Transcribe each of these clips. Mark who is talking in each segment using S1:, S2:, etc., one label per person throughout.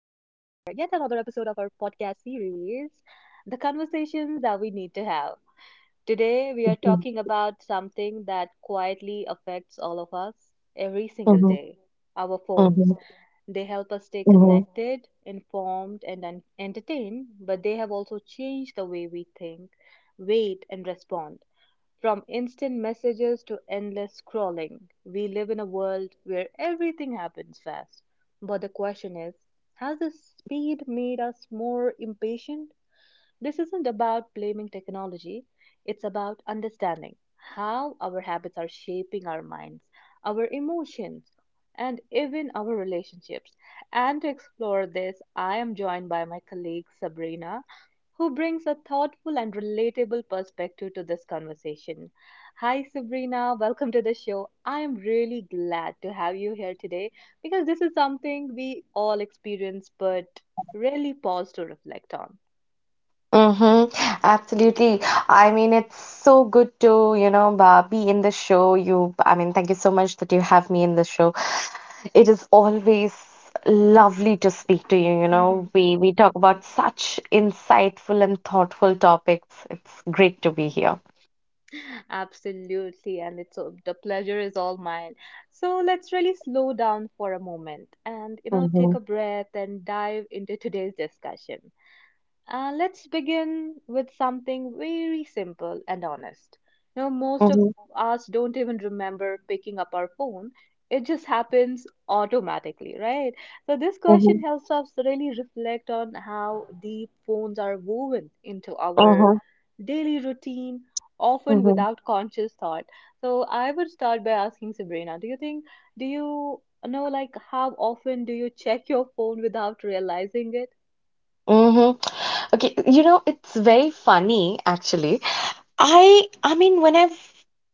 S1: another episode of our podcast series, The Conversations That We Need to Have. Today, we are
S2: Mhm,
S1: talking about something that quietly affects all of us every single
S2: mhm,
S1: day our phones.
S2: mhm,
S1: They help us stay connected, informed, and entertained, but they have also changed the way we think, wait, and respond. From instant messages to endless scrolling, we live in a world where everything happens fast. But the question is, has this speed made us more impatient? This isn't about blaming technology, it's about understanding how our habits are shaping our minds, our emotions, and even our relationships. And to explore this, I am joined by my colleague Sabrina, who brings a thoughtful and relatable perspective to this conversation. Hi, Sabrina. Welcome to the show. I am really glad to have you here today because this is something we all experience but rarely pause to reflect on.
S2: mhm. Absolutely. I mean, it's so good to, be in the show. Thank you so much that you have me in the show. It is always lovely to speak to you. You
S1: Mm-hmm.
S2: know, we talk about such insightful and thoughtful topics. It's great to be here.
S1: Absolutely, and the pleasure is all mine. So let's really slow down for a moment and you know take
S2: Mm-hmm.
S1: a breath and dive into today's discussion. Let's begin with something very simple and honest. You know, most of
S2: Mm-hmm.
S1: us don't even remember picking up our phone. It just happens automatically, right? So this question
S2: Mm-hmm.
S1: helps us really reflect on how deep phones are woven into our
S2: Mm-hmm.
S1: daily routine, often
S2: Mm-hmm.
S1: without conscious thought. So I would start by asking Sabrina, do you know, like, how often do you check your phone without realizing it?
S2: Mm-hmm. Okay, you know, it's very funny actually. I mean when I've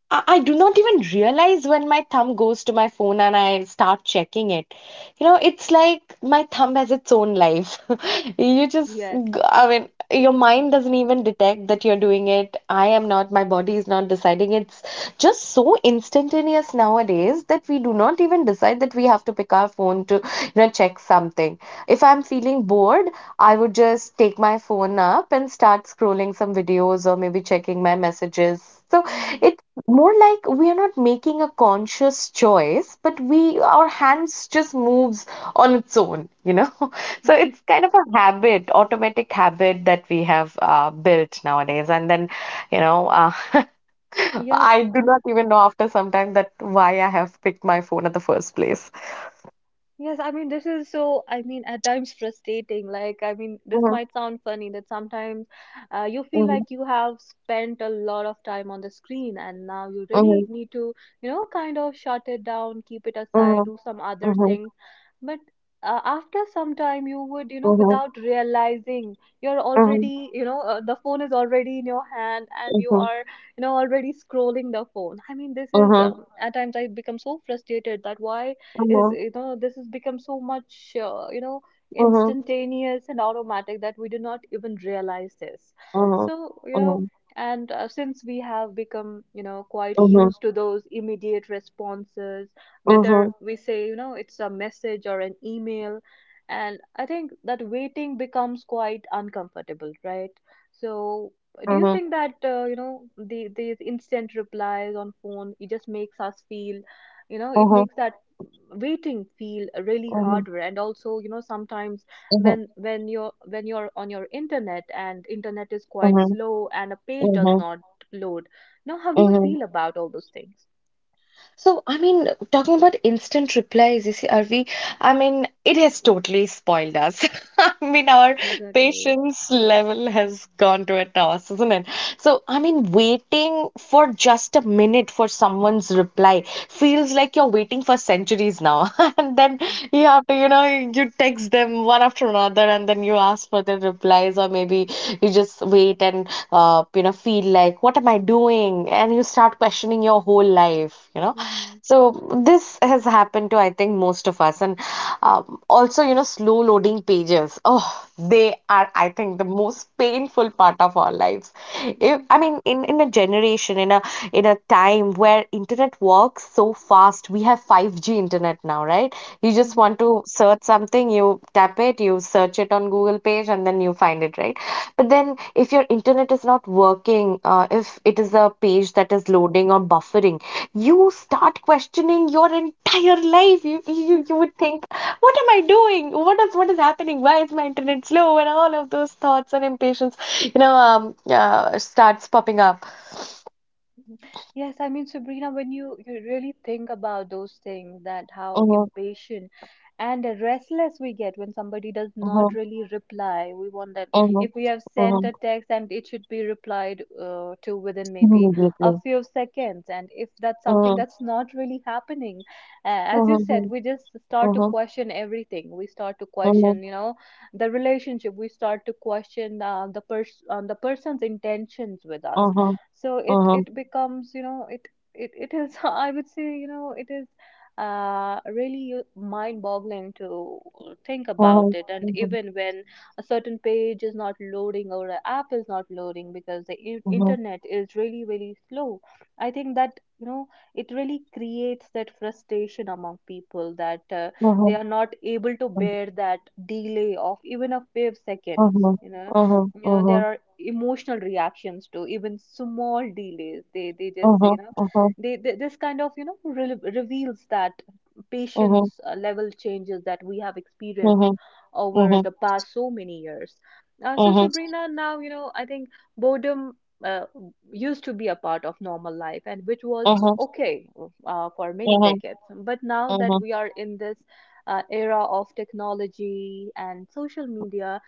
S2: I do not even realize when my thumb goes to my phone and I start checking it. You know, it's like my thumb has its own life. You just,
S1: Yes.
S2: g- I mean, Your mind doesn't even detect that you're doing it. I am not, My body is not deciding. It's just so instantaneous nowadays that we do not even decide that we have to pick our phone to, check something. If I'm feeling bored, I would just take my phone up and start scrolling some videos or maybe checking my messages, so it's more like we are not making a conscious choice, but we our hands just moves on its own, you know. So it's kind of a habit, automatic habit that we have built nowadays. And then, you know, uh,
S1: Yes,
S2: I do not even know after some time that why I have picked my phone at the first place.
S1: yes. I mean, this is so, I mean, at times frustrating. Like, I mean, this
S2: Mhm,
S1: might sound funny that sometimes you feel
S2: mhm,
S1: like you have spent a lot of time on the screen and now you really
S2: mhm,
S1: need to, you know, kind of shut it down, keep it aside,
S2: mhm,
S1: do some other
S2: mhm,
S1: things. But after some time, you would, you know,
S2: mhm,
S1: without realizing, you're
S2: mhm,
S1: already, you know, the phone is already in your hand and you
S2: mhm,
S1: are you know already scrolling the phone. I mean, this is,
S2: mhm,
S1: at times I become so frustrated that why is,
S2: mhm,
S1: you know, this has become so much, you know,
S2: mhm, mhm,
S1: instantaneous and automatic that we do not even realize this.
S2: mhm,
S1: So, you know,
S2: mhm,
S1: and since we have become, you know, quite
S2: mhm,
S1: used to those immediate responses, whether
S2: mhm,
S1: we say, you know, it's a message or an email, and I think that waiting becomes quite uncomfortable, right? So do you
S2: mhm,
S1: think that, you know, these instant replies on phone, it just makes us feel, you know, it
S2: mhm,
S1: makes that waiting feel really
S2: Mhm,
S1: harder? And also, you know, sometimes
S2: mhm,
S1: when you're on your internet and internet is quite
S2: mhm,
S1: slow and a page does
S2: mhm,
S1: not load, now how do you
S2: mhm.
S1: feel about all those things?
S2: So, I mean, talking about instant replies, you see, are we? I mean, it has totally spoiled us. I mean, our
S1: Exactly.
S2: patience level has gone to a toss, isn't it? So, I mean, waiting for just a minute for someone's reply feels like you're waiting for centuries now. And then you have to, you know, you text them one after another and then you ask for their replies, or maybe you just wait and, you know, feel like, what am I doing? And you start questioning your whole life, you know.
S1: Mm-hmm.
S2: So this has happened to, I think, most of us. And, also, you know, slow loading pages, oh, they are, I think, the most painful part of our lives.
S1: Mm-hmm.
S2: If, i mean in in a generation, in a time where internet works so fast. We have 5G internet now, right? You just
S1: Mm-hmm.
S2: want to search something, you tap it, you search it on Google page, and then you find it, right? But then, if your internet is not working, if it is a page that is loading or buffering, you start questioning your entire life. You would think, what am I doing? What is happening? Why is my internet slow? And all of those thoughts and impatience, starts popping up.
S1: Mhm. Yes, I mean, Sabrina, when you really think about those things, that how
S2: Mhm,
S1: impatient and restless we get when somebody does not
S2: mhm,
S1: really reply, we want that
S2: mhm,
S1: if we have sent a
S2: mhm.
S1: text and it should be replied to within maybe a
S2: Immediately.
S1: few seconds, and if that's something
S2: Uh
S1: that's not really happening,
S2: Uh
S1: as you
S2: Uh
S1: said, we just start to
S2: Uh
S1: question everything. We start to
S2: Uh Uh
S1: question, you know, the relationship. We start to question the person's intentions with us.
S2: Uh
S1: So it
S2: Uh
S1: it becomes, you know, it it is I would say, you know, it is really mind boggling to think about
S2: Uh
S1: it. And even when a certain page is not loading or an app is not loading because the
S2: Uh
S1: internet is really really slow, I think that, you know, it really creates that frustration among people, that they are not able to bear that delay of even a few
S2: Uh
S1: seconds,
S2: huh.
S1: you know.
S2: huh. huh. huh.
S1: You
S2: huh. huh.
S1: know,
S2: huh.
S1: there are emotional reactions to even small delays. They
S2: huh.
S1: just say,
S2: huh.
S1: you
S2: huh.
S1: know,
S2: huh. Uh huh. Uh huh.
S1: they this kind of, you know, reveals that
S2: Uh huh. Uh huh. Uh huh.
S1: patience level changes that we have
S2: Uh
S1: experienced
S2: huh. Uh
S1: over
S2: huh.
S1: the past so many years.
S2: Uh
S1: So
S2: huh.
S1: Sabrina, now, you know, I think boredom, uh, used to be a part of normal life and which
S2: Uh
S1: was
S2: huh.
S1: okay for many
S2: Uh
S1: decades. But now that
S2: huh.
S1: we are in this era of technology and social media,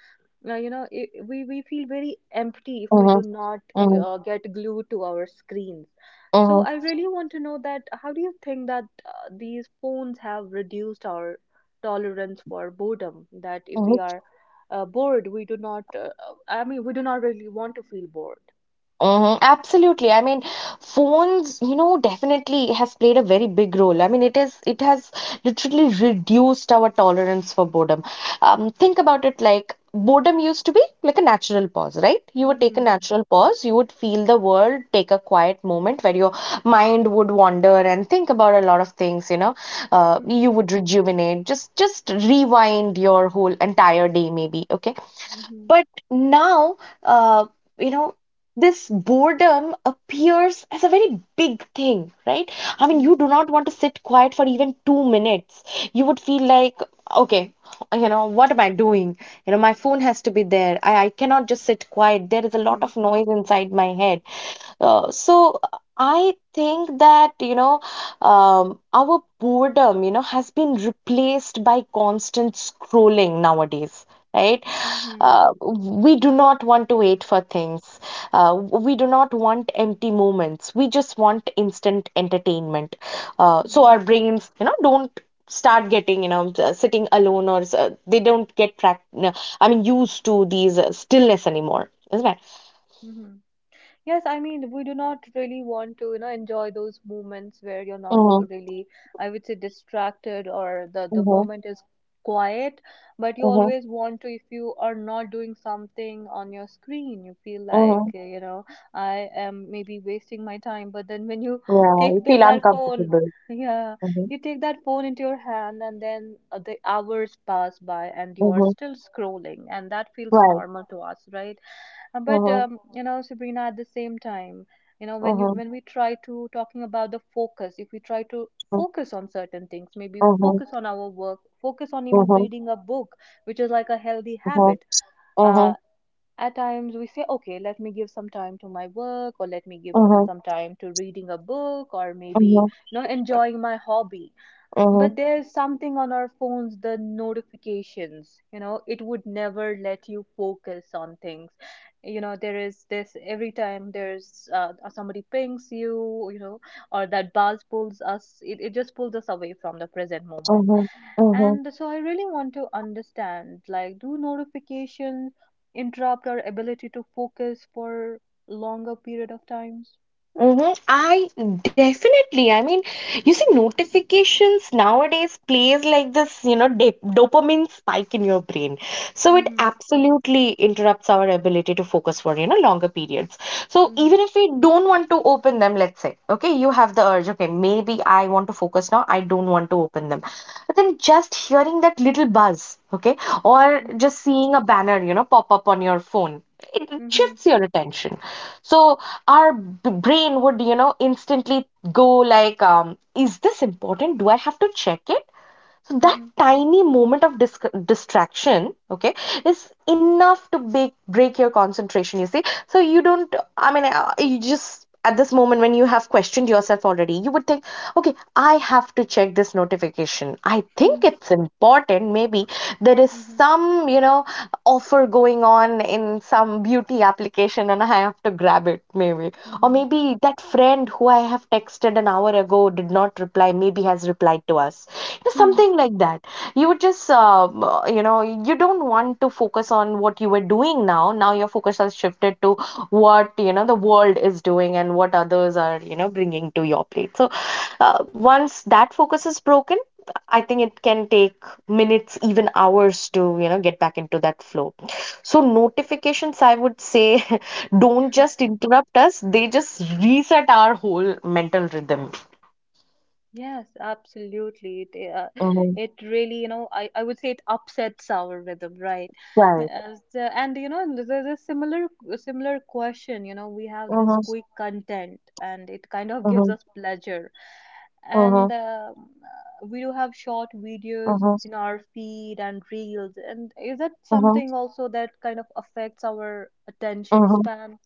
S1: you know, it, we feel very empty if we
S2: Uh
S1: do not
S2: huh.
S1: get glued to our screens.
S2: Uh
S1: So I
S2: huh.
S1: really want to know that how do you think that these phones have reduced our tolerance for boredom, that if
S2: Uh
S1: we
S2: huh.
S1: are bored, we do not I mean, we do not really want to feel bored.
S2: Hmm. Absolutely. I mean, phones, you know, definitely has played a very big role. I mean, it has literally reduced our tolerance for boredom. Think about it, like boredom used to be like a natural pause, right? You would take a
S1: Mm-hmm.
S2: natural pause, you would feel the world, take a quiet moment where your mind would wander and think about a lot of things, you know.
S1: Mm-hmm.
S2: You would rejuvenate, just rewind your whole entire day, maybe. Okay.
S1: Mm-hmm.
S2: But now, uh, you know, this boredom appears as a very big thing, right? I mean, you do not want to sit quiet for even 2 minutes. You would feel like, okay, you know, what am I doing? You know, my phone has to be there. I cannot just sit quiet. There is a lot
S1: Mm-hmm.
S2: of noise inside my head. So I think that, our boredom, you know, has been replaced by constant scrolling nowadays, right?
S1: Mm-hmm. Mm-hmm.
S2: We do not want to wait for things. We do not want empty moments. We just want instant entertainment. So our brains, you know, don't start getting, sitting alone, or they don't get, prac- no, I mean, used to these stillness anymore, isn't it?
S1: Mm-hmm. Yes, I mean, we do not really want to, you know, enjoy those moments where you're not
S2: Mm-hmm,
S1: really, I would say, distracted or the
S2: mm-hmm,
S1: moment is quiet, but you
S2: mm-hmm,
S1: always want to, if you are not doing something on your screen, you feel like,
S2: mm-hmm.
S1: you know, I am maybe wasting my time. But then when you
S2: Yeah, you
S1: take the,
S2: feel
S1: that phone,
S2: uncomfortable.
S1: yeah,
S2: Mm-hmm,
S1: you take that phone into your hand, and then the hours pass by and you are
S2: mm-hmm.
S1: still scrolling, and that feels
S2: Right.
S1: normal to us, right? Uh, But
S2: Mm-hmm,
S1: um, you know, Sabrina, at the same time, you know, when you
S2: mm-hmm,
S1: when we try to talking about the focus, if we try to focus on certain things, maybe
S2: mm-hmm,
S1: focus on our work, focus on even
S2: mm-hmm,
S1: reading a book, which is like a healthy
S2: mm-hmm,
S1: habit.
S2: mm-hmm,
S1: Uh, at times we say, okay, let me give some time to my work, or let me give
S2: mm-hmm,
S1: some time to reading a book, or maybe,
S2: mm-hmm.
S1: you know, enjoying my hobby. But
S2: Mm-hmm.
S1: there's something on our phones, the notifications, you know, it would never let you focus on things. You know, there is this every time there's somebody pings you, you know, or that buzz pulls us, it just pulls us away from the present moment.
S2: Mm-hmm, mm-hmm,
S1: And so I really want to understand, like, do notifications interrupt our ability to focus for longer period of times?
S2: mm-hmm. I definitely, I mean, you see, notifications nowadays plays like this, dopamine spike in your brain. So it
S1: Mm-hmm,
S2: absolutely interrupts our ability to focus for, you know, longer periods. So
S1: mm-hmm,
S2: even if we don't want to open them, let's say, okay, you have the urge, okay, maybe I want to focus now, I don't want to open them. But then just hearing that little buzz, okay, or just seeing a banner, you know, pop up on your phone, it
S1: mm-hmm,
S2: shifts your attention. So our brain would, you know, instantly go like, is this important? Do I have to check it? So
S1: mm-hmm,
S2: that
S1: mm-hmm,
S2: tiny moment of distraction, okay, is enough to break your concentration. You see, so you don't. I mean, you just, at this moment when you have questioned yourself already, you would think, okay, I have to check this notification. I think it's important. Maybe there is
S1: mm-hmm.
S2: some, offer going on in some beauty application and I have to grab it, maybe. Or
S1: Mm-hmm.
S2: maybe that friend who I have texted an hour ago did not reply, maybe has replied to us. You know,
S1: Hmm.
S2: something like that. You would just, you know, you don't want to focus on what you were doing now. Now your focus has shifted to what, you know, the world is doing and what others are, you know, bringing to your plate. So once that focus is broken, I think it can take minutes, even hours, to, you know, get back into that flow. So notifications, I would say, don't just interrupt us, they just reset our whole mental rhythm.
S1: Yes, absolutely. It,
S2: Mhm.
S1: it really, you know, I would say it upsets our rhythm, right?
S2: Right.
S1: And you know, there's a similar question. You know, we have this
S2: Mm-hmm.
S1: quick content, and it kind of gives
S2: Mm-hmm.
S1: us pleasure.
S2: Mm-hmm.
S1: And we do have short videos in our feed and reels. And is that
S2: Mm-hmm.
S1: something also that kind of affects our attention
S2: Mm-hmm.
S1: span?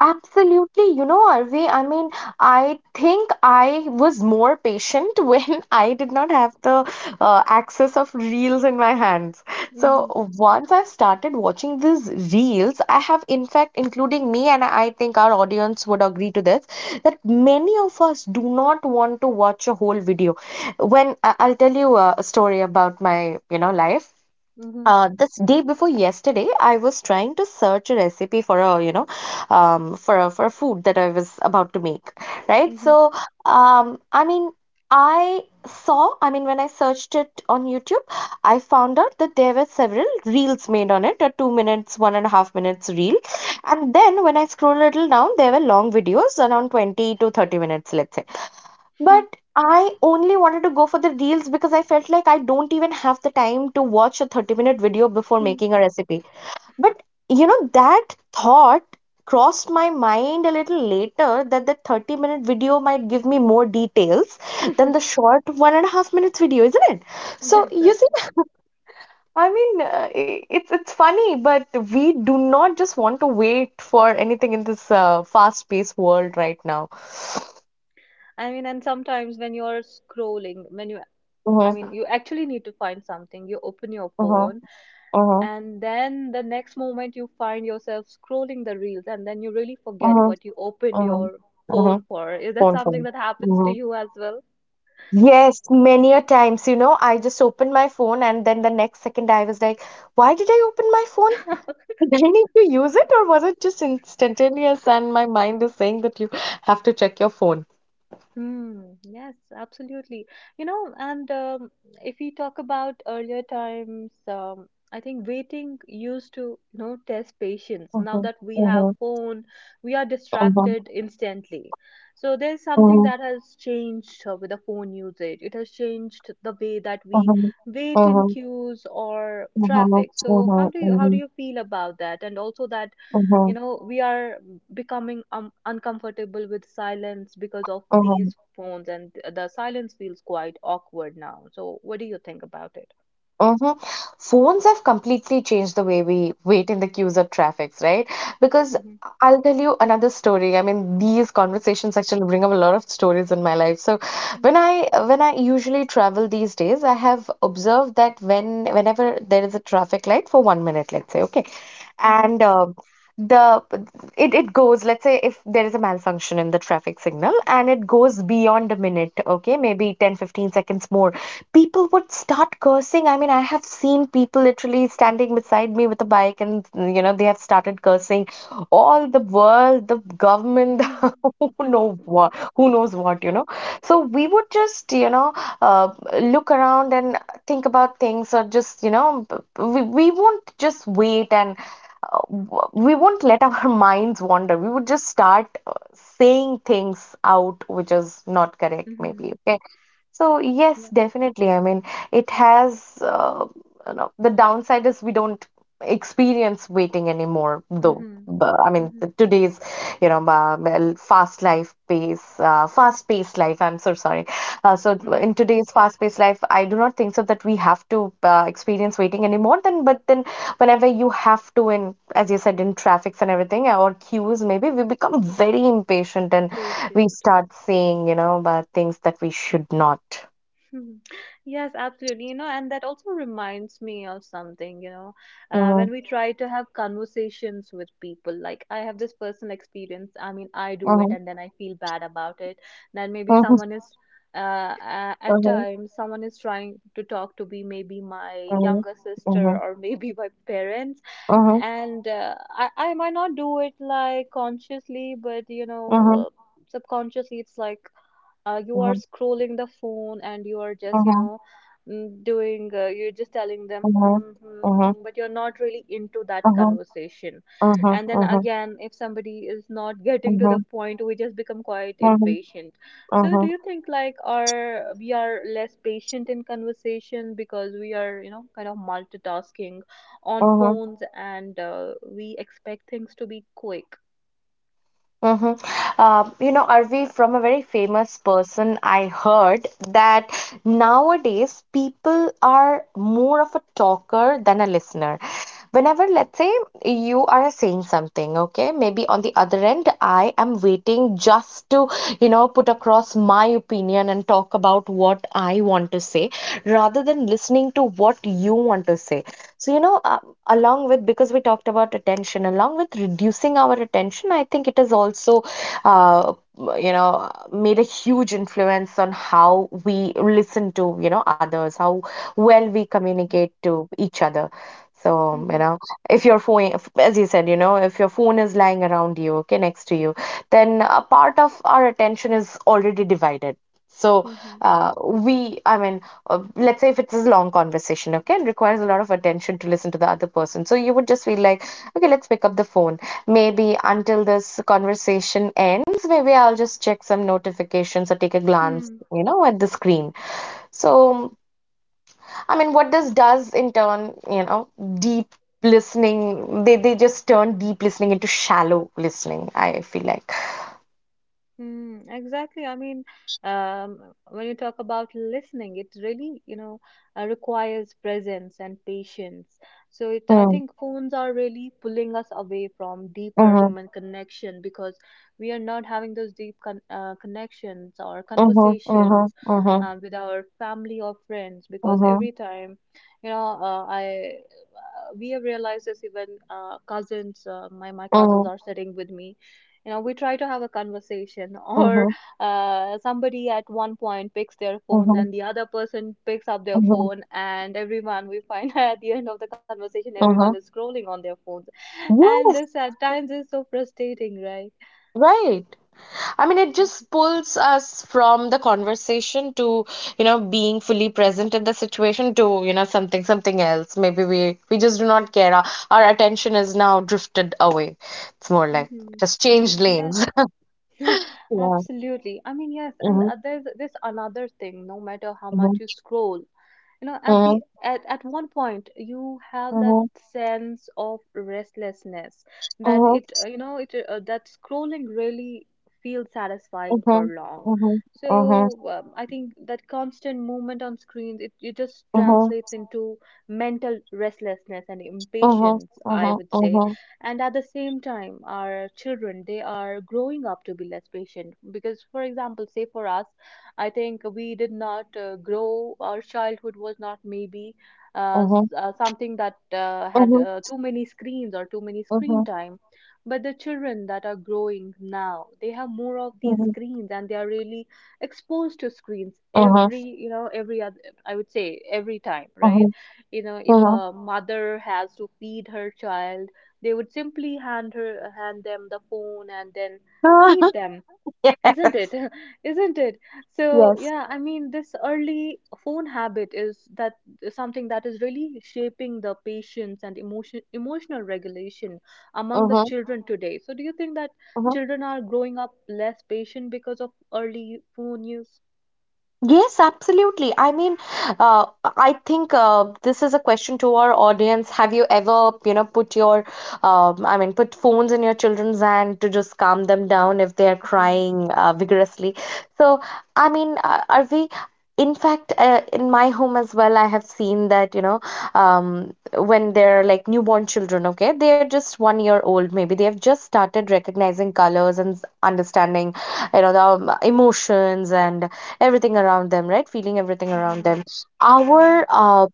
S2: Absolutely, you know, Arvi. I mean, I think I was more patient when I did not have the access of reels in my hands.
S1: Mm-hmm.
S2: So once I've started watching these reels, I have, in fact, including me, and I think our audience would agree to this, that many of us do not want to watch a whole video. I'll tell you a story about my, you know, life.
S1: Mm-hmm.
S2: This day before yesterday, I was trying to search a recipe for a, for a food that I was about to make, right?
S1: Mm-hmm.
S2: So, um, I mean, I saw, I mean, when I searched it on YouTube, I found out that there were several reels made on it, a 2 minutes, 1.5 minutes reel, and then when I scroll a little down, there were long videos, around 20 to 30 minutes, let's say. But I only wanted to go for the reels because I felt like I don't even have the time to watch a 30-minute video before making a recipe. But you know, that thought crossed my mind a little later, that the 30-minute video might give me more details than the short 1.5 minutes video, isn't it? So you see,
S1: Exactly.
S2: it's funny, but we do not just want to wait for anything in this fast paced world right now.
S1: I mean, and sometimes when you're scrolling, when you, I mean,
S2: Mm-hmm,
S1: you actually need to find something, you open your
S2: mm-hmm,
S1: phone,
S2: mm-hmm,
S1: and then the next moment you find yourself scrolling the reels, and then you really forget what you opened
S2: Uh-huh.
S1: your
S2: Uh-huh.
S1: phone for. Is that something
S2: Phone.
S1: that happens to
S2: Hmm.
S1: you as well?
S2: Yes, many a times, you know, I just opened my phone and then the next second I was like, why did I open my phone? Did I need to use it, or was it just instantaneous and my mind is saying that you have to check your phone?
S1: Hmm, yes, absolutely. You know, and if we talk about earlier times, I think waiting used to, you know, test patience. Now
S2: Mm-hmm.
S1: that we have
S2: Mm-hmm.
S1: phone, we are
S2: Mm-hmm.
S1: distracted instantly. So there's something
S2: Mm-hmm.
S1: that has changed with the phone usage. It has changed the way that we
S2: Mm-hmm.
S1: wait in
S2: Mm-hmm.
S1: queues or traffic. So how do you how do
S2: Mm-hmm.
S1: you feel about that? And also that, you
S2: Mm-hmm.
S1: know, we are becoming uncomfortable with silence because of
S2: Mm-hmm.
S1: these phones, and the silence feels quite awkward now. So what do you think about it?
S2: Hmm. Phones have completely changed the way we wait in the queues of traffics, right? Because
S1: Mhm,
S2: I'll tell you another story. I mean, these conversations actually bring up a lot of stories in my life. So
S1: mhm,
S2: when I usually travel these days, I have observed that whenever there is a traffic light for 1 minute, let's say, okay,
S1: mhm,
S2: and the it goes, let's say if there is a malfunction in the traffic signal and it goes beyond a minute, okay, maybe 10, 15 seconds more, people would start cursing. I mean, I have seen people literally standing beside me with a bike and, you know, they have started cursing all the world, the government,
S1: mhm,
S2: who knows what, you know. So we would just, you know, uh, look around and think about things or just, we won't just wait and uh, we won't let our minds wander. We would just start saying things out which is not correct,
S1: mhm,
S2: maybe. Okay. So yes,
S1: yeah,
S2: definitely. I mean, it has the downside is we don't experience waiting anymore, though.
S1: mhm,
S2: But, I mean,
S1: mhm,
S2: today's well, fast life pace, fast-paced life. I'm so sorry. So
S1: mhm.
S2: in today's fast-paced life, I do not think so that we have to experience waiting anymore. Then, but then whenever you have to, in as you said, in traffics and everything or queues, maybe we become very impatient and we
S1: Patient.
S2: start saying, about things that we should not.
S1: Hmm. Yes, absolutely. You know, and that also reminds me of something, you know,
S2: Mhm,
S1: when we try to have conversations with people, like I have this personal experience. I mean, I do it
S2: mhm,
S1: and then I feel bad about it. Then maybe
S2: mhm,
S1: someone is, at
S2: mhm,
S1: times, someone is trying to talk to me, maybe my
S2: mhm,
S1: younger sister
S2: mhm,
S1: or maybe my parents.
S2: mhm,
S1: And I might not do it like consciously, but you know,
S2: mhm,
S1: subconsciously, it's like, you are
S2: mhm,
S1: scrolling the phone and you are just, you
S2: mhm,
S1: know, doing, you're just telling them
S2: mhm,
S1: hmm, hmm,
S2: mhm,
S1: hmm, but you're not really into that
S2: mhm,
S1: conversation.
S2: mhm,
S1: And then
S2: mhm,
S1: again, if somebody is not getting to the
S2: mhm,
S1: point, we just become quite
S2: mhm,
S1: impatient. So do
S2: mhm,
S1: you think, like our we are less patient in conversation because we are, you know, kind of multitasking on
S2: mhm.
S1: phones and we expect things to be quick?
S2: Mm-hmm. You know, Arvi, from a very famous person, I heard that nowadays people are more of a talker than a listener. Whenever, let's say, you are saying something, okay, maybe on the other end, I am waiting just to, you know, put across my opinion and talk about what I want to say rather than listening to what you want to say. So, along with, because we talked about attention, along with reducing our attention, I think it has also, uh, you know, made a huge influence on how we listen to, you know, others, how well we communicate to each other. So, you
S1: Hmm,
S2: know, if your phone, as you said, you know, if your phone is lying around you, okay, next to you, then a part of our attention is already divided. So,
S1: hmm,
S2: uh, we, I mean, let's say if it's a long conversation, okay, it requires a lot of attention to listen to the other person. So you would just feel like, okay, let's pick up the phone. Maybe until this conversation ends, maybe I'll just check some notifications or take a glance,
S1: hmm.
S2: you know, at the screen. So, I mean, what this does in turn, you know, deep listening, they just turn deep listening into shallow listening, I feel like.
S1: Mm, exactly. I mean, when you talk about listening, it really, you know, requires presence and patience. So I
S2: Mm,
S1: think phones are really pulling us away from deeper
S2: mhm,
S1: human connection because we are not having those deep connections or
S2: mhm, mhm,
S1: conversations
S2: mhm,
S1: with our family or friends because
S2: mhm,
S1: every time, you know, I we have realized this even cousins, my cousins
S2: mhm,
S1: are sitting with me, you know, we try to have a conversation or
S2: mhm,
S1: somebody at one point picks their phone
S2: mhm,
S1: and the other person picks up their
S2: mhm, mhm,
S1: phone and everyone we find at the end of the conversation everyone is
S2: mhm.
S1: scrolling on their phones. And this
S2: Yes,
S1: at times is so frustrating, right?
S2: right. I mean, it just pulls us from the conversation to, you know, being fully present in the situation to, you know, something else. Maybe we just do not care. Our attention is now drifted away. It's more like
S1: Hmm.
S2: just changed
S1: Yes,
S2: lanes. Yeah.
S1: absolutely. I mean, yes, and
S2: Mm-hmm,
S1: there's this another thing. No matter how much you
S2: mm-hmm,
S1: scroll, you know, at the
S2: mm-hmm,
S1: at, at one point you have that
S2: mm-hmm,
S1: sense of restlessness, that it you know it that scrolling really feels satisfying for
S2: mm-hmm,
S1: long.
S2: mm-hmm, mm-hmm,
S1: So I think that constant movement on screens, it just
S2: mm-hmm,
S1: translates into mental restlessness and
S2: mm-hmm,
S1: impatience, I
S2: mm-hmm,
S1: would say.
S2: mm-hmm,
S1: And at the same time, our children, they are growing up to be less patient because, for example, say for us, I think we did not grow. Our childhood was not maybe
S2: mm-hmm,
S1: something that had
S2: mm-hmm,
S1: too many screens or too many screen time. But the children that are growing now, they have more of these screens and they are really exposed to screens
S2: mm-hmm,
S1: every, you know, every other, I would say every time,
S2: mm-hmm,
S1: right? You know, if
S2: mm-hmm.
S1: a mother has to feed her child, they would simply hand them the phone and then feed them,
S2: Yes.
S1: isn't it? Isn't it? So,
S2: Yes.
S1: yeah, I mean, this early phone habit is that is something that is really shaping the patience and emotional regulation among the
S2: Mm-hmm.
S1: children today. So, do you think that
S2: Mhm.
S1: children are growing up less patient because of early phone use?
S2: Yes, absolutely. I mean, uh, I think this is a question to our audience. Have you ever, you know, put your, I mean, put phones in your children's hand to just calm them down if they are
S1: Mhm,
S2: crying vigorously? So, I mean, are we? In fact, in my home as well, I have seen that, you know, when they're like newborn children, okay, they're just 1 year old, maybe they have just started recognizing colors and understanding, you know, the emotions and everything around them, right? Feeling everything around
S1: mhm,
S2: them.
S1: mhm.
S2: Our uh,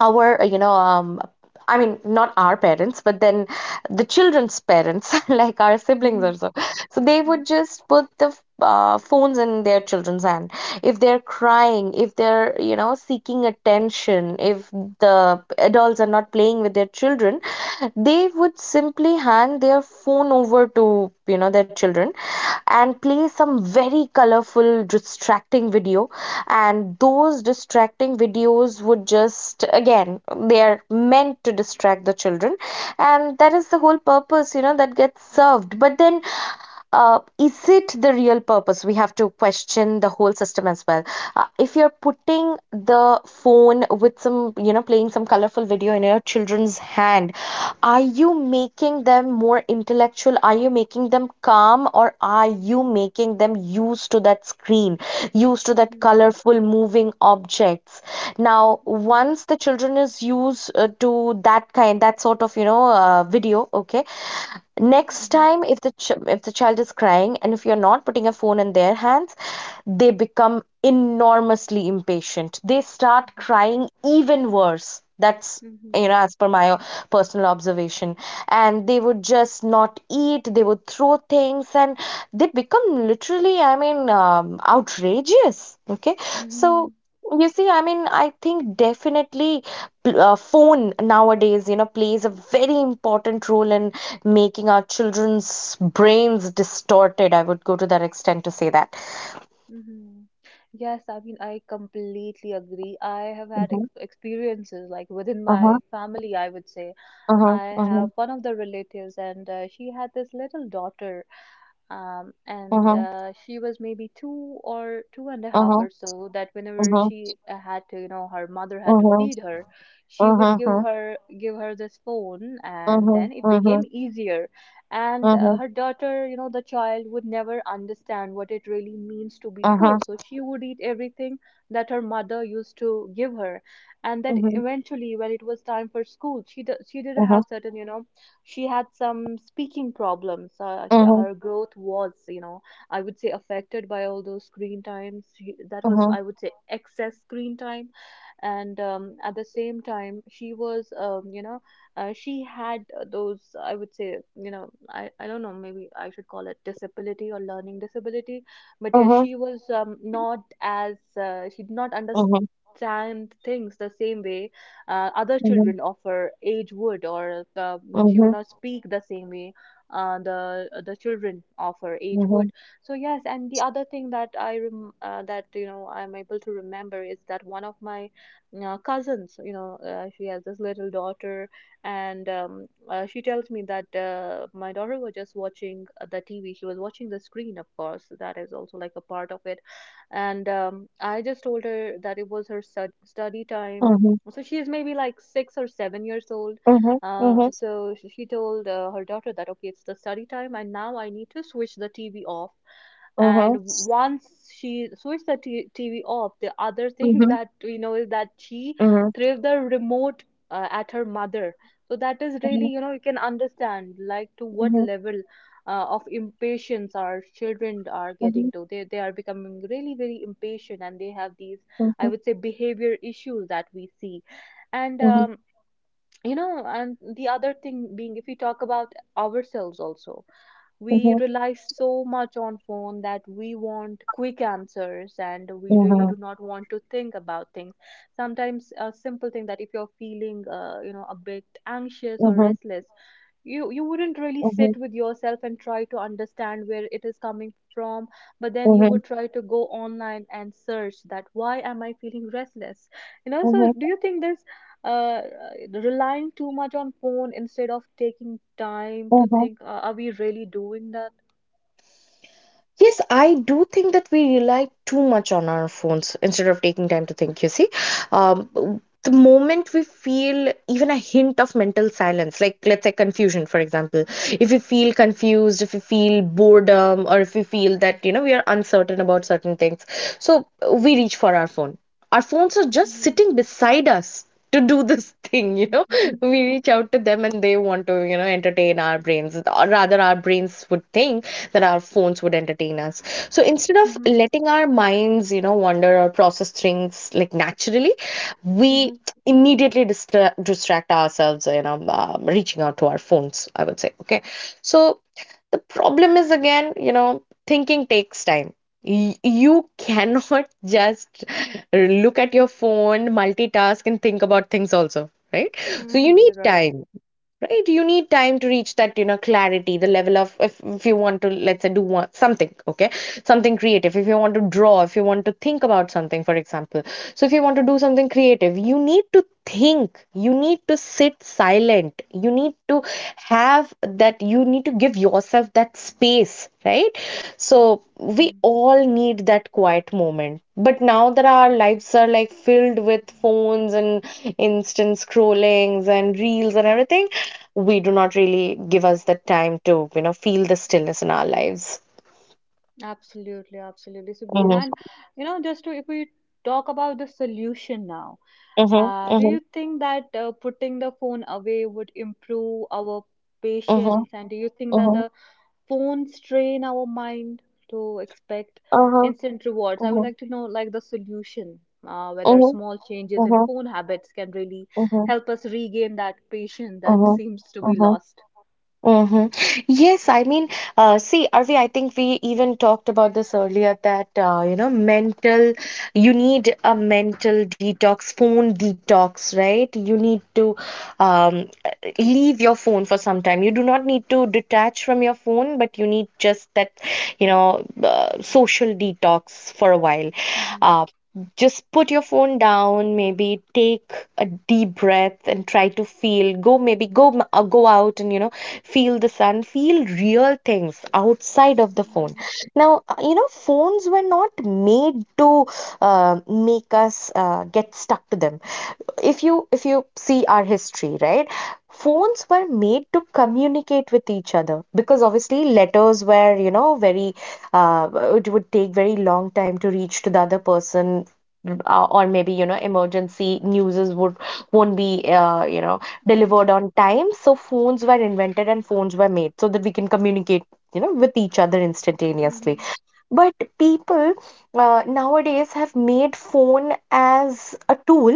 S2: our you know I mean not our parents but then the children's parents like our siblings
S1: Hmm.
S2: or so. So they would just put the phones in their children's hand if they're crying, if they're, you know, seeking attention, if the adults are not playing with their children, they would simply hand their phone over to, you know, their children and play some very colorful distracting video. And those distracting videos would just again, they are meant to distract the children, and that is the whole purpose, you know, that gets served. But then, is it the real purpose? We have to question the whole system as well. If you're putting the phone with some, you know, playing some colorful video in your children's hand, are you making them more intellectual? Are you making them calm, or are you making them used to that screen, used to that
S1: Mhm,
S2: colorful moving objects? Now,
S1: mhm,
S2: once the children is used to that kind, that sort of, you know, video, okay,
S1: mhm,
S2: next
S1: mhm,
S2: time if if the child is crying and if you're not putting a phone in their hands, they become enormously impatient. They start crying even worse. That's,
S1: mhm,
S2: you
S1: mhm.
S2: know, as per my personal observation. And they would just not eat, they would throw things, and they become literally, I mean, outrageous, okay.
S1: Mhm.
S2: So you see, I mean, I think definitely phone nowadays, you know, plays a very important role in making our children's brains distorted. I would go to that extent to say that.
S1: Hmm. Yes, I mean, I completely agree. I have had
S2: Mhm.
S1: ex experiences like within
S2: Uh-huh,
S1: my family, I would say.
S2: uh-huh,
S1: I
S2: uh-huh,
S1: have one of the relatives, and she had this little daughter, and
S2: uh-huh,
S1: she was maybe two or two and a half
S2: uh-huh,
S1: or so, that whenever
S2: uh-huh,
S1: she had to you know her mother had to
S2: uh-huh,
S1: feed her, she would
S2: uh-huh, uh-huh,
S1: give her this phone and then it
S2: uh-huh,
S1: became easier. And
S2: uh-huh, uh-huh,
S1: her daughter, you know, the child would never understand what it really means to be
S2: uh-huh, uh-huh,
S1: full, so
S2: uh-huh,
S1: she would eat everything that her mother used to give her. And that eventually, when it was time for school, she did have certain, you know, she had some speaking problems.
S2: uh-huh, uh-huh, uh-huh,
S1: Her growth was, you know, I would say affected by all those screen times. She, that was, I would say, excess screen time. And at the same time, she was, you know, she had those, I would say, you know, I don't know, maybe I should call it disability or learning disability. But
S2: uh-huh,
S1: yeah,
S2: uh-huh, uh-huh,
S1: she was not as she did not understand things the same way other
S2: uh-huh, uh-huh, uh-huh, uh-huh,
S1: children of her age would, or the, she would
S2: uh-huh,
S1: not speak the same way the children of her age would. So yes, and the other thing that that, you know, I'm able to remember is that one of my cousins, you know, she has this little daughter, and she tells me that my daughter was just watching the TV. She was watching the screen, of course. That is also like a part of it. And I just told her that it was her study time, so she is maybe like 6 or 7 years old. So she told her daughter that, okay, it's the study time, and now I need to switch the TV off. And once she switched the TV off, the other thing that we know is that she
S2: uh-huh,
S1: threw the remote at her mother. So that is really,
S2: uh-huh,
S1: you know, you can understand like to what
S2: uh-huh, uh-huh,
S1: level of impatience our children are getting
S2: uh-huh,
S1: to. They are becoming really very impatient, and they have these, I
S2: mhm,
S1: would say, behavior issues that we see. And,
S2: mhm,
S1: you know, and the other thing being, if we talk about ourselves also, we
S2: mhm,
S1: rely so much on phone that we want quick answers and we really
S2: mhm,
S1: do not want to think about things. Sometimes a simple thing, that if you're feeling you know, a bit anxious or
S2: mhm,
S1: restless, you wouldn't really sit
S2: mhm,
S1: with yourself and try to understand where it is coming from, but then you
S2: mhm,
S1: would try to go online and search that why am I feeling restless, you know? So
S2: mhm,
S1: do you think there's uh, uh, relying too much on phone instead of taking time to
S2: mhm.
S1: think, are we really doing that?
S2: Yes, I do think that we rely too much on our phones instead of taking time to think, you see.
S1: Mhm,
S2: The moment we feel even a hint of mental silence, like let's say confusion, for example, if we feel confused, if we feel boredom, or if we feel that, you know, we are uncertain about certain things, so we reach for our phone. Our phones are just
S1: mhm,
S2: sitting beside us to do this thing, you know.
S1: mhm.
S2: We reach out to them, and they want to, you know, entertain our brains, or rather our brains would think that our phones would entertain us. So instead of
S1: Hmm.
S2: letting our minds, you know, wander or process things like naturally, we
S1: Mhm,
S2: immediately distract ourselves, you know, reaching out to our phones, I would say, okay. So the problem is again, you know, thinking takes time. You cannot just look at your phone, multitask, and think about things also, right? So you
S1: mhm.
S2: need
S1: Right.
S2: time. Right, you need time to reach that, you know, clarity, the level of if you want to, let's say, something, okay, something creative, if you want to draw, if you want to think about something, for example. So if you want to do something creative, you need to think, you need to sit silent, you need to have that, you need to give yourself that space, right? So we
S1: Mm.
S2: all need that quiet moment, but now that our lives are like filled with phones and instant scrollings and reels and everything, we do not really give us the time to, you know, feel the stillness in our lives.
S1: Absolutely, absolutely. So, Bruno,
S2: Mhm,
S1: and you know, just to, if we talk about the solution now,
S2: mhm,
S1: do
S2: mhm,
S1: you think that putting the phone away would improve our
S2: mhm,
S1: patience? And do you think that
S2: mhm,
S1: the phones train our mind to expect
S2: uh-huh,
S1: instant rewards? I would
S2: mhm,
S1: like to know like the solution, whether
S2: mhm,
S1: small changes in
S2: mhm,
S1: phone habits can really
S2: mhm,
S1: help us regain that patience that
S2: mhm,
S1: seems to be
S2: mhm.
S1: lost.
S2: Mm-hmm. Yes, I mean, see, Arvi, I think we even talked about this earlier that, you know, you need a mental detox, phone detox, right? You need to um, leave your phone for some time. You do not need to detach from your phone, but you need just that, you know, social detox for a while.
S1: Mm-hmm.
S2: Um, just put your phone down, maybe take a deep breath and try to feel, go go out and, you know, feel the sun, feel real things outside of the phone.
S1: Mm-hmm.
S2: Now, you know, phones were not made to make us get stuck to them. If you see our history, right, phones were made to communicate with each other because obviously letters were, you know, very uh, it would take very long time to reach to the other person, or maybe, you know, emergency newses would won't be, you know,
S1: Mm-hmm.
S2: delivered on time. So phones were invented and phones were made so that we can communicate, you know, with each other instantaneously.
S1: Mm-hmm.
S2: But people, nowadays, have made phone as a tool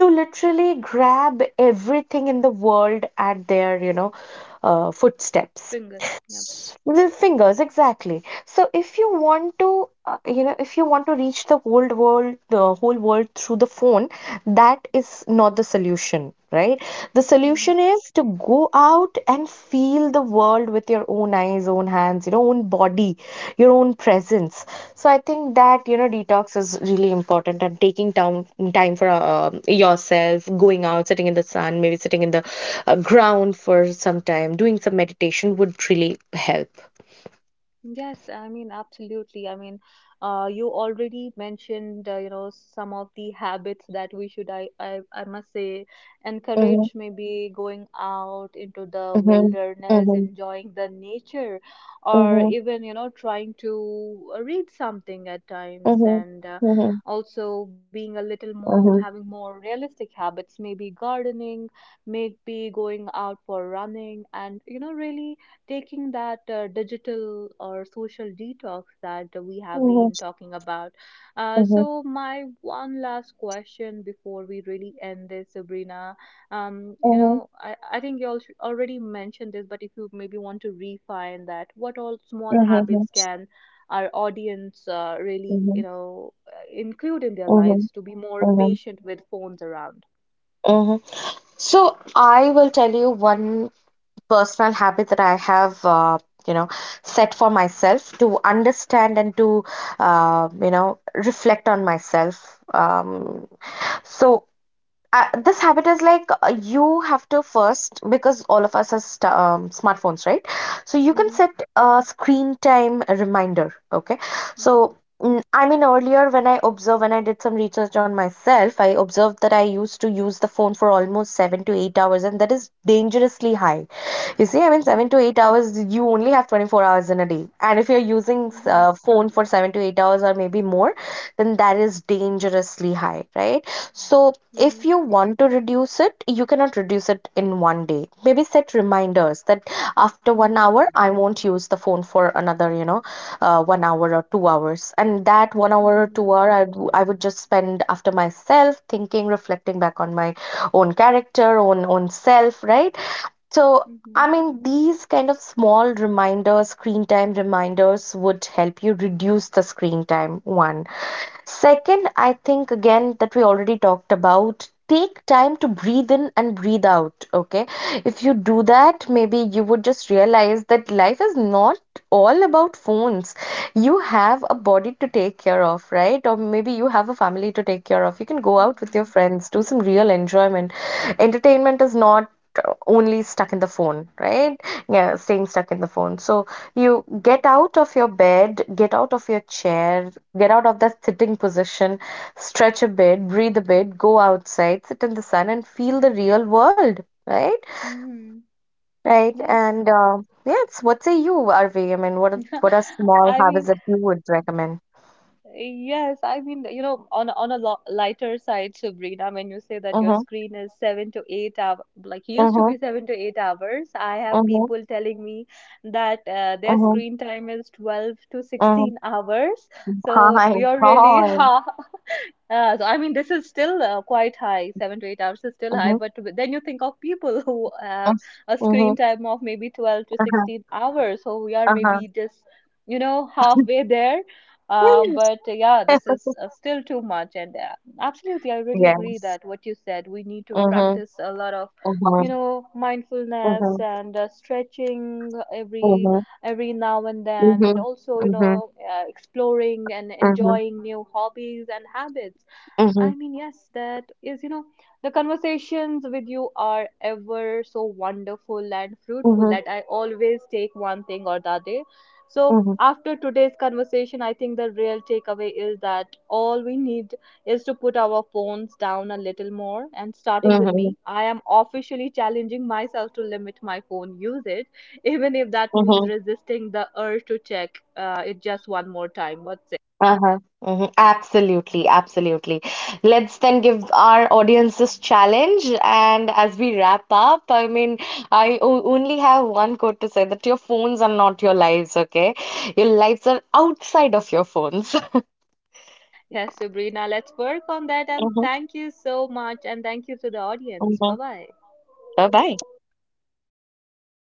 S2: to literally grab everything in the world at their, footsteps.
S1: Been good.
S2: The fingers, exactly. So if you want to, you know, if you want to reach the whole world through the phone, that is not the solution, right? The
S1: Yep.
S2: solution is to go out and feel the world with your own eyes, own hands, your own body, your own presence. So I think that, you know, detox is really important, and taking time, time for, yourself, going out, sitting in the sun, maybe sitting in the ground for some time, doing some meditation would really help.
S1: Yes, I mean, absolutely. I mean, you already mentioned, you know, some of the habits that we should, I must say,
S2: Mhm,
S1: encourage, maybe going out into the
S2: mhm,
S1: wilderness,
S2: mhm,
S1: enjoying the nature, or
S2: mhm,
S1: even, you know, trying to read something at times,
S2: mhm,
S1: and
S2: mhm, mhm,
S1: also being a little more, having
S2: mhm,
S1: more realistic habits, maybe gardening, maybe going out for running, and, you know, really taking that digital or social detox that we have
S2: mhm,
S1: been talking about.
S2: mhm, mhm,
S1: So, my one last question before we really end this, Sabrina. You
S2: mhm,
S1: know, I think you all should already mentioned this, but if you maybe want to refine that, what all small habits can our audience really, you know, include in their
S2: mhm,
S1: lives to be more
S2: mhm,
S1: patient with phones around?
S2: mhm. So I will tell you one personal habit that I have, you know, set for myself to understand and to, you know, reflect on myself. So I, this habit is like, you have to first, because all of us has smartphones, right? So you can
S1: Mhm,
S2: set a screen time reminder, okay.
S1: mhm,
S2: So, mm, I mean, earlier when I observed, when I did some research on myself, I observed that I used to use the phone for almost 7 to 8 hours, and that is dangerously high. You see, I mean,
S1: mhm,
S2: 7 to 8 hours, you only have 24 hours in a day. And if you're using
S1: mhm,
S2: phone for 7 to 8 hours or maybe more, then that is dangerously high, right? So
S1: mhm,
S2: if you want to reduce it, you cannot reduce it in one day daily. Maybe set reminders that after one
S1: mhm,
S2: hour, I won't use the phone for another, 1 hour or 2 hours. And that 1 hour or
S1: mhm,
S2: 2 hour, I would just spend after myself, thinking, reflecting back on my own character, own self, right? So,
S1: mhm,
S2: I mean, these kind of small reminders, screen time reminders, would help you reduce the screen time. One. Second, I think again that we already talked about, take time to breathe in and breathe out. Okay, if you do that, maybe you would just realize that life is not all about phones. You have a body to take care of, right? Or maybe you have a family to take care of. You can go out with your
S1: mhm,
S2: friends, do some real enjoyment. Entertainment is not only stuck in the phone, right? Yeah, staying stuck in the phone. So you get out of your bed, get out of your chair, get out of that sitting position, stretch a bit, breathe a bit, go outside, sit in the sun, and feel the real world, right?
S1: mhm.
S2: Right.
S1: Yes.
S2: And yes, what say you, Arvi? I mean, what are small
S1: I mean,
S2: habits that you would recommend?
S1: yes, I mean, you know, on a lo lighter side, Sabrina, when you say that your
S2: Mm-hmm,
S1: screen is 7 to 8 hour, like used to
S2: mm-hmm,
S1: be 7 to 8 hours, I have
S2: mm-hmm,
S1: people telling me that their
S2: mm-hmm,
S1: screen time is 12 to
S2: mm-hmm.
S1: 16 hours. So
S2: Fine.
S1: you're really
S2: Fine.
S1: half so I mean, this is still quite high. 7 to 8 hours is still
S2: Mm-hmm,
S1: high, but then you think of people who have a
S2: mm-hmm, mm-hmm.
S1: screen time of maybe 12 to
S2: Uh-huh.
S1: 16 hours. So we are maybe just, you know, halfway there. But
S2: Uh-huh.
S1: yeah, this is still too much. And absolutely, I really agree
S2: Yes.
S1: that what you said, we need to
S2: Mhm,
S1: practice a lot of,
S2: mhm,
S1: you know, mindfulness
S2: mhm,
S1: and stretching
S2: mhm,
S1: every now and then, and
S2: mhm,
S1: also, you
S2: mhm,
S1: know, exploring and
S2: mhm,
S1: enjoying new hobbies and habits.
S2: mhm,
S1: I mean, yes, that is, you know, the conversations with you are ever so wonderful and fruitful
S2: mhm,
S1: that I always take one thing or the other. So,
S2: mhm,
S1: after today's conversation, I think the real takeaway is that all we need is to put our phones down a little more. And starting with
S2: mhm,
S1: me, I am officially challenging myself to limit my phone usage, even if that means
S2: mhm.
S1: resisting the urge to check it just one more time. What?
S2: Uh-huh. Mhm. Absolutely, absolutely. Let's then give our audience this challenge. And as we wrap up, I mean, I only have one quote to say that your phones are not your lives, okay? Your lives are outside of your phones.
S1: Yes, Sabrina, let's work on that. And
S2: Mm-hmm.
S1: thank you so much. And thank you to the audience.
S2: Mm-hmm.
S1: Bye bye.
S2: Bye-bye.